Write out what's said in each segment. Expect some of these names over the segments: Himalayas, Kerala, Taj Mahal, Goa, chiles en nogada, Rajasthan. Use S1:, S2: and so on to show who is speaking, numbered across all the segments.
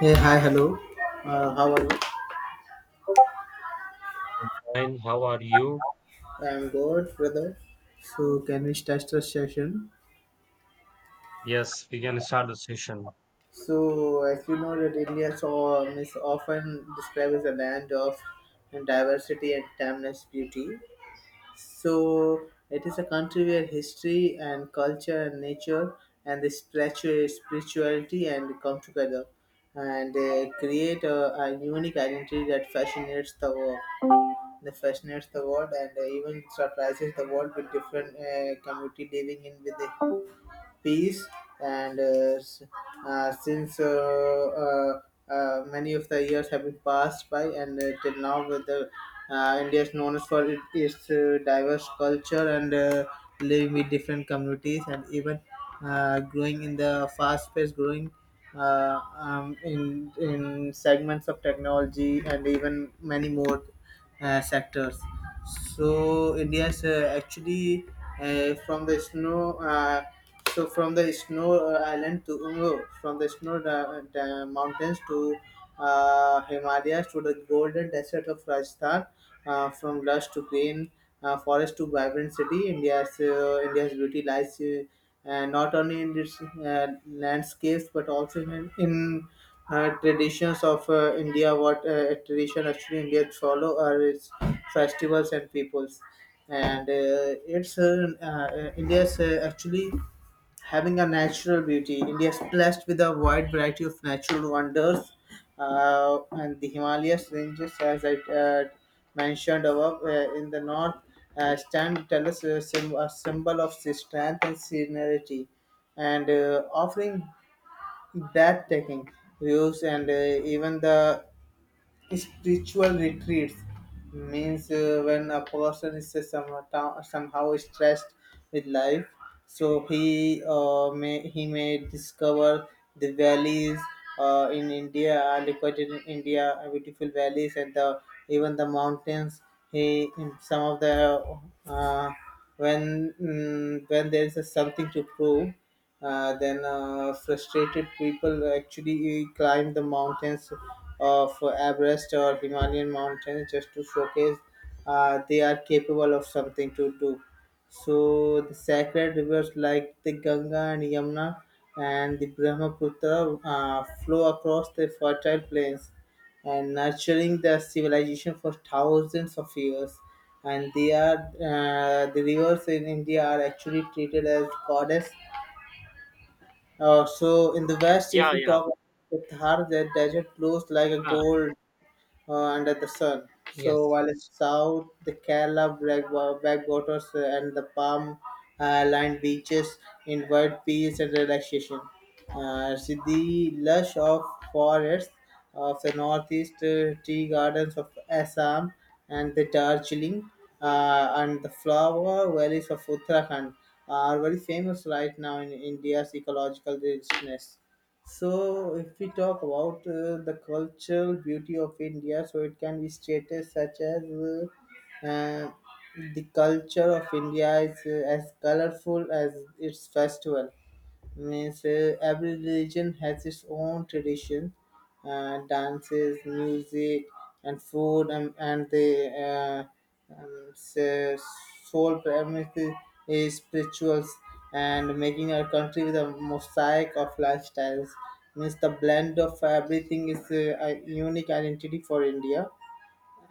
S1: Hey, hi, hello. How are you?
S2: Fine, how are you?
S1: I'm good, brother. So, can we start the session?
S2: Yes, we can start the session.
S1: So, as you know, that India is often described as a land of diversity and timeless beauty. So, it is a country where history and culture and nature and the spirituality and come together and create a unique identity that fascinates the world. They fascinates the world and even surprises the world with different community living in with the peace and s- since uh, many of the years have been passed by and till now with the India is known as for it, its diverse culture and living with different communities and even growing in the fast pace growing in segments of technology and even many more sectors. So India is actually from the snow. So from the snow island to no, from the snow mountains to Himalayas to the golden desert of Rajasthan, from lush to green forest to vibrant city, India's beauty lies not only in its landscapes but also in traditions of India. What tradition actually India follow are its festivals and peoples, and it's India's actually having a natural beauty. India is blessed with a wide variety of natural wonders, and the Himalayas ranges, as I mentioned above, in the north, stand tell us a symbol of strength and serenity, and offering breathtaking views and even the spiritual retreats means when a person is somehow stressed with life so he may discover the valleys in india I look at it in india beautiful valleys and the even the mountains he in some of the uh, when when there is something to prove then frustrated people actually climb the mountains of Everest or Himalayan mountains just to showcase they are capable of something to do. So the sacred rivers like the Ganga and Yamuna and the Brahmaputra flow across the fertile plains and nurturing the civilization for thousands of years. And they are the rivers in India are actually treated as goddess. So in the West, if
S2: Yeah,
S1: we
S2: yeah,
S1: talk about the Thar, the desert glows like a
S2: yeah.
S1: gold under the sun. So
S2: Yes,
S1: while in south, the Kerala backwaters and the palm lined beaches invite peace and relaxation. See the lush of forests of the northeast, tea gardens of Assam and the Darjeeling and the flower valleys of Uttarakhand are very famous right now in India's ecological richness. So, if we talk about the cultural beauty of India, so it can be stated such as uh, the culture of India is as colorful as its festival means every religion has its own tradition, dances, music and food and the soul premise is spirituals and making our country with a mosaic of lifestyles means the blend of everything is a unique identity for india,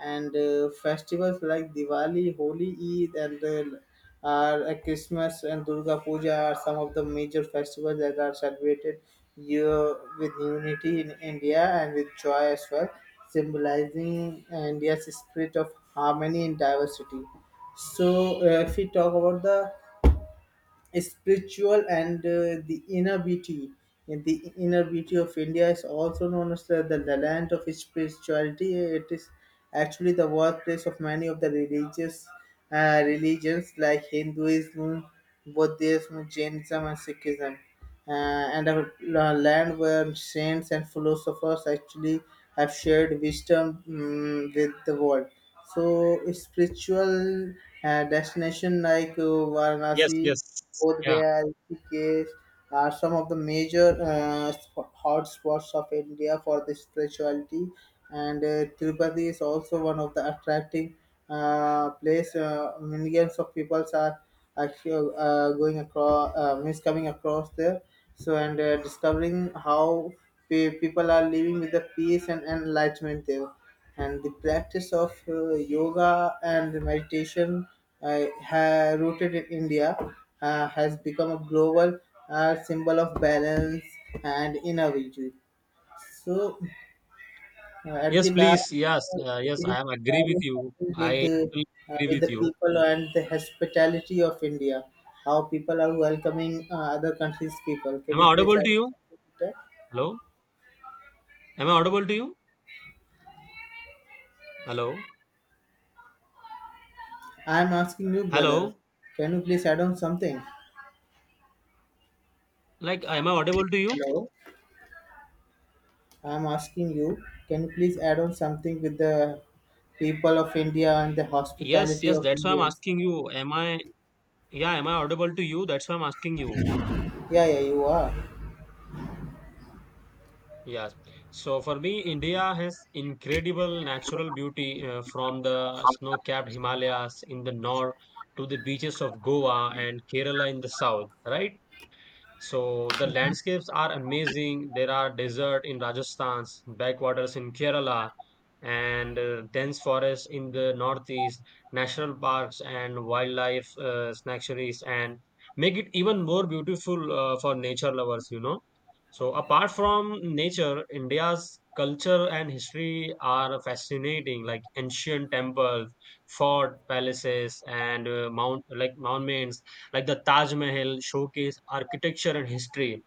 S1: and festivals like Diwali, Holi, Eid, and Christmas and Durga Puja are some of the major festivals that are celebrated year with unity in India and with joy as well, symbolizing India's spirit of harmony and diversity. So, if we talk about the spiritual and the inner beauty. And The inner beauty of India is also known as the land of spirituality. It is actually the workplace of many of the religious religions like Hinduism, Buddhism, Jainism, and Sikhism, uh, and land where saints and philosophers actually have shared wisdom with the world. So, spiritual destination like
S2: yes,
S1: Varanasi,
S2: yes.
S1: Bodh
S2: Yeah,
S1: Gaya, and Rishikesh are some of the major hotspots of India for the spirituality, and Tirupati is also one of the attracting place. Millions of people are actually going across, means coming across there. So and discovering how people are living with the peace and enlightenment there and the practice of yoga and meditation rooted in India has become a global symbol of balance and inner vigil. So, at
S2: yes,
S1: the last,
S2: please. Yes,
S1: uh,
S2: uh, yes.
S1: it is
S2: I am agree with
S1: having
S2: you.
S1: something
S2: I totally agree
S1: with
S2: with
S1: the
S2: you.
S1: people and the hospitality of India, how people are welcoming other countries' people. Can
S2: Am I
S1: you please
S2: audible to
S1: add on
S2: you?
S1: something? To that?
S2: Hello. Am I audible to you? Hello.
S1: I am asking you, brother.
S2: Hello.
S1: Can you please add on something?
S2: Like, am I audible to you?
S1: Hello. I'm asking you, can you please add on something with the people of India and the
S2: Yes,
S1: hospitality
S2: yes.
S1: of
S2: That's why I'm
S1: Indians?
S2: asking you. Am I? Yeah, am I audible to you? That's why I'm asking you.
S1: Yeah, yeah, you are.
S2: Yes. So for me, India has incredible natural beauty from the snow-capped Himalayas in the north to the beaches of Goa and Kerala in the south, right? So the landscapes are amazing. There are desert in Rajasthan, backwaters in Kerala, and dense forests in the northeast, national parks and wildlife sanctuaries, and make it even more beautiful for nature lovers, you know. So apart from nature, India's culture and history are fascinating, like ancient temples, fort palaces, and mount like monuments like the Taj Mahal showcase architecture and history,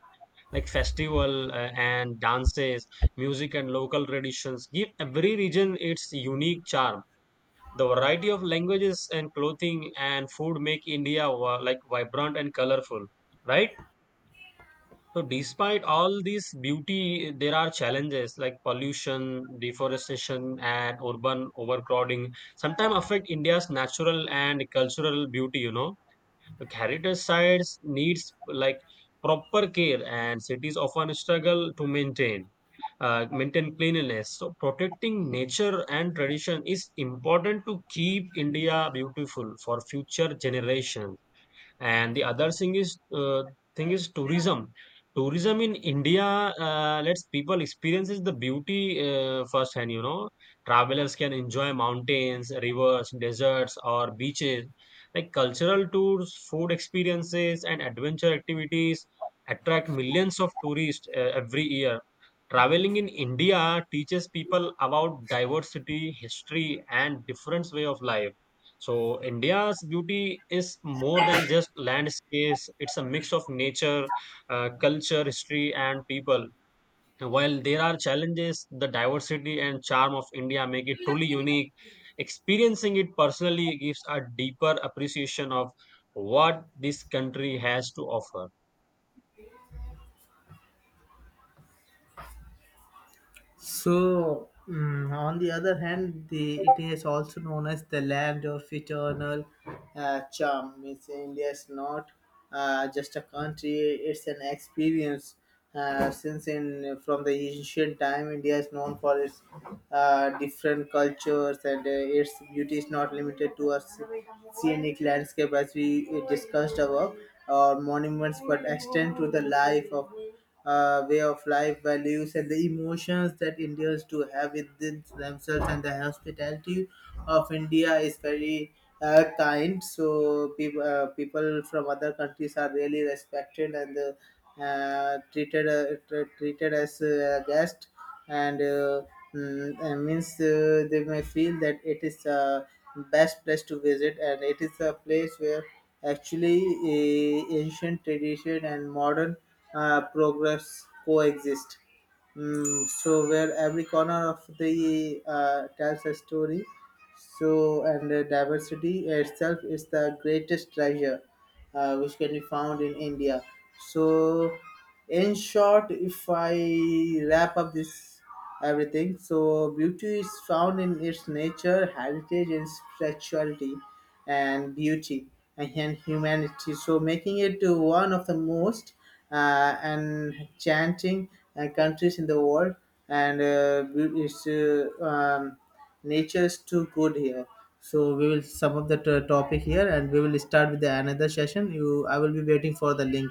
S2: like festival and dances, music and local traditions give every region its unique charm. The variety of languages and clothing and food make India like vibrant and colorful, right? So despite all this beauty, there are challenges like pollution, deforestation, and urban overcrowding. Sometimes affect India's natural and cultural beauty. You know. The heritage sites needs like proper care, and cities often struggle to maintain cleanliness. So, protecting nature and tradition is important to keep India beautiful for future generations. And the other thing is tourism. Tourism in India lets people experiences the beauty firsthand. You know, travelers can enjoy mountains, rivers, deserts, or beaches. Like cultural tours, food experiences, and adventure activities attract millions of tourists every year. Traveling in India teaches people about diversity, history, and different way of life. So India's beauty is more than just landscapes. It's a mix of nature, culture, history, and people. While there are challenges, the diversity and charm of India make it truly unique. Experiencing it personally gives a deeper appreciation of what this country has to offer.
S1: So, on the other hand, the it is also known as the land of eternal charm. Means India is not just a country; it's an experience. Since in from the ancient time, India is known for its different cultures, and its beauty is not limited to scenic landscape, as we discussed above, or monuments, but extend to the life of way of life, values, and the emotions that Indians do have within themselves, and the hospitality of India is very kind. So people from other countries are really respected and treated treated as a guest, and means they may feel that it is a best place to visit, and it is a place where actually ancient tradition and modern progress coexist. So where every corner of the tells a story, so, and diversity itself is the greatest treasure which can be found in India. So, in short, if I wrap up this everything, so beauty is found in its nature, heritage, and spirituality, and beauty and humanity. So, making it to one of the most enchanting countries in the world, and it's nature is too good here, so we will sum up the topic here and we will start with the another session. You I will be waiting for the link.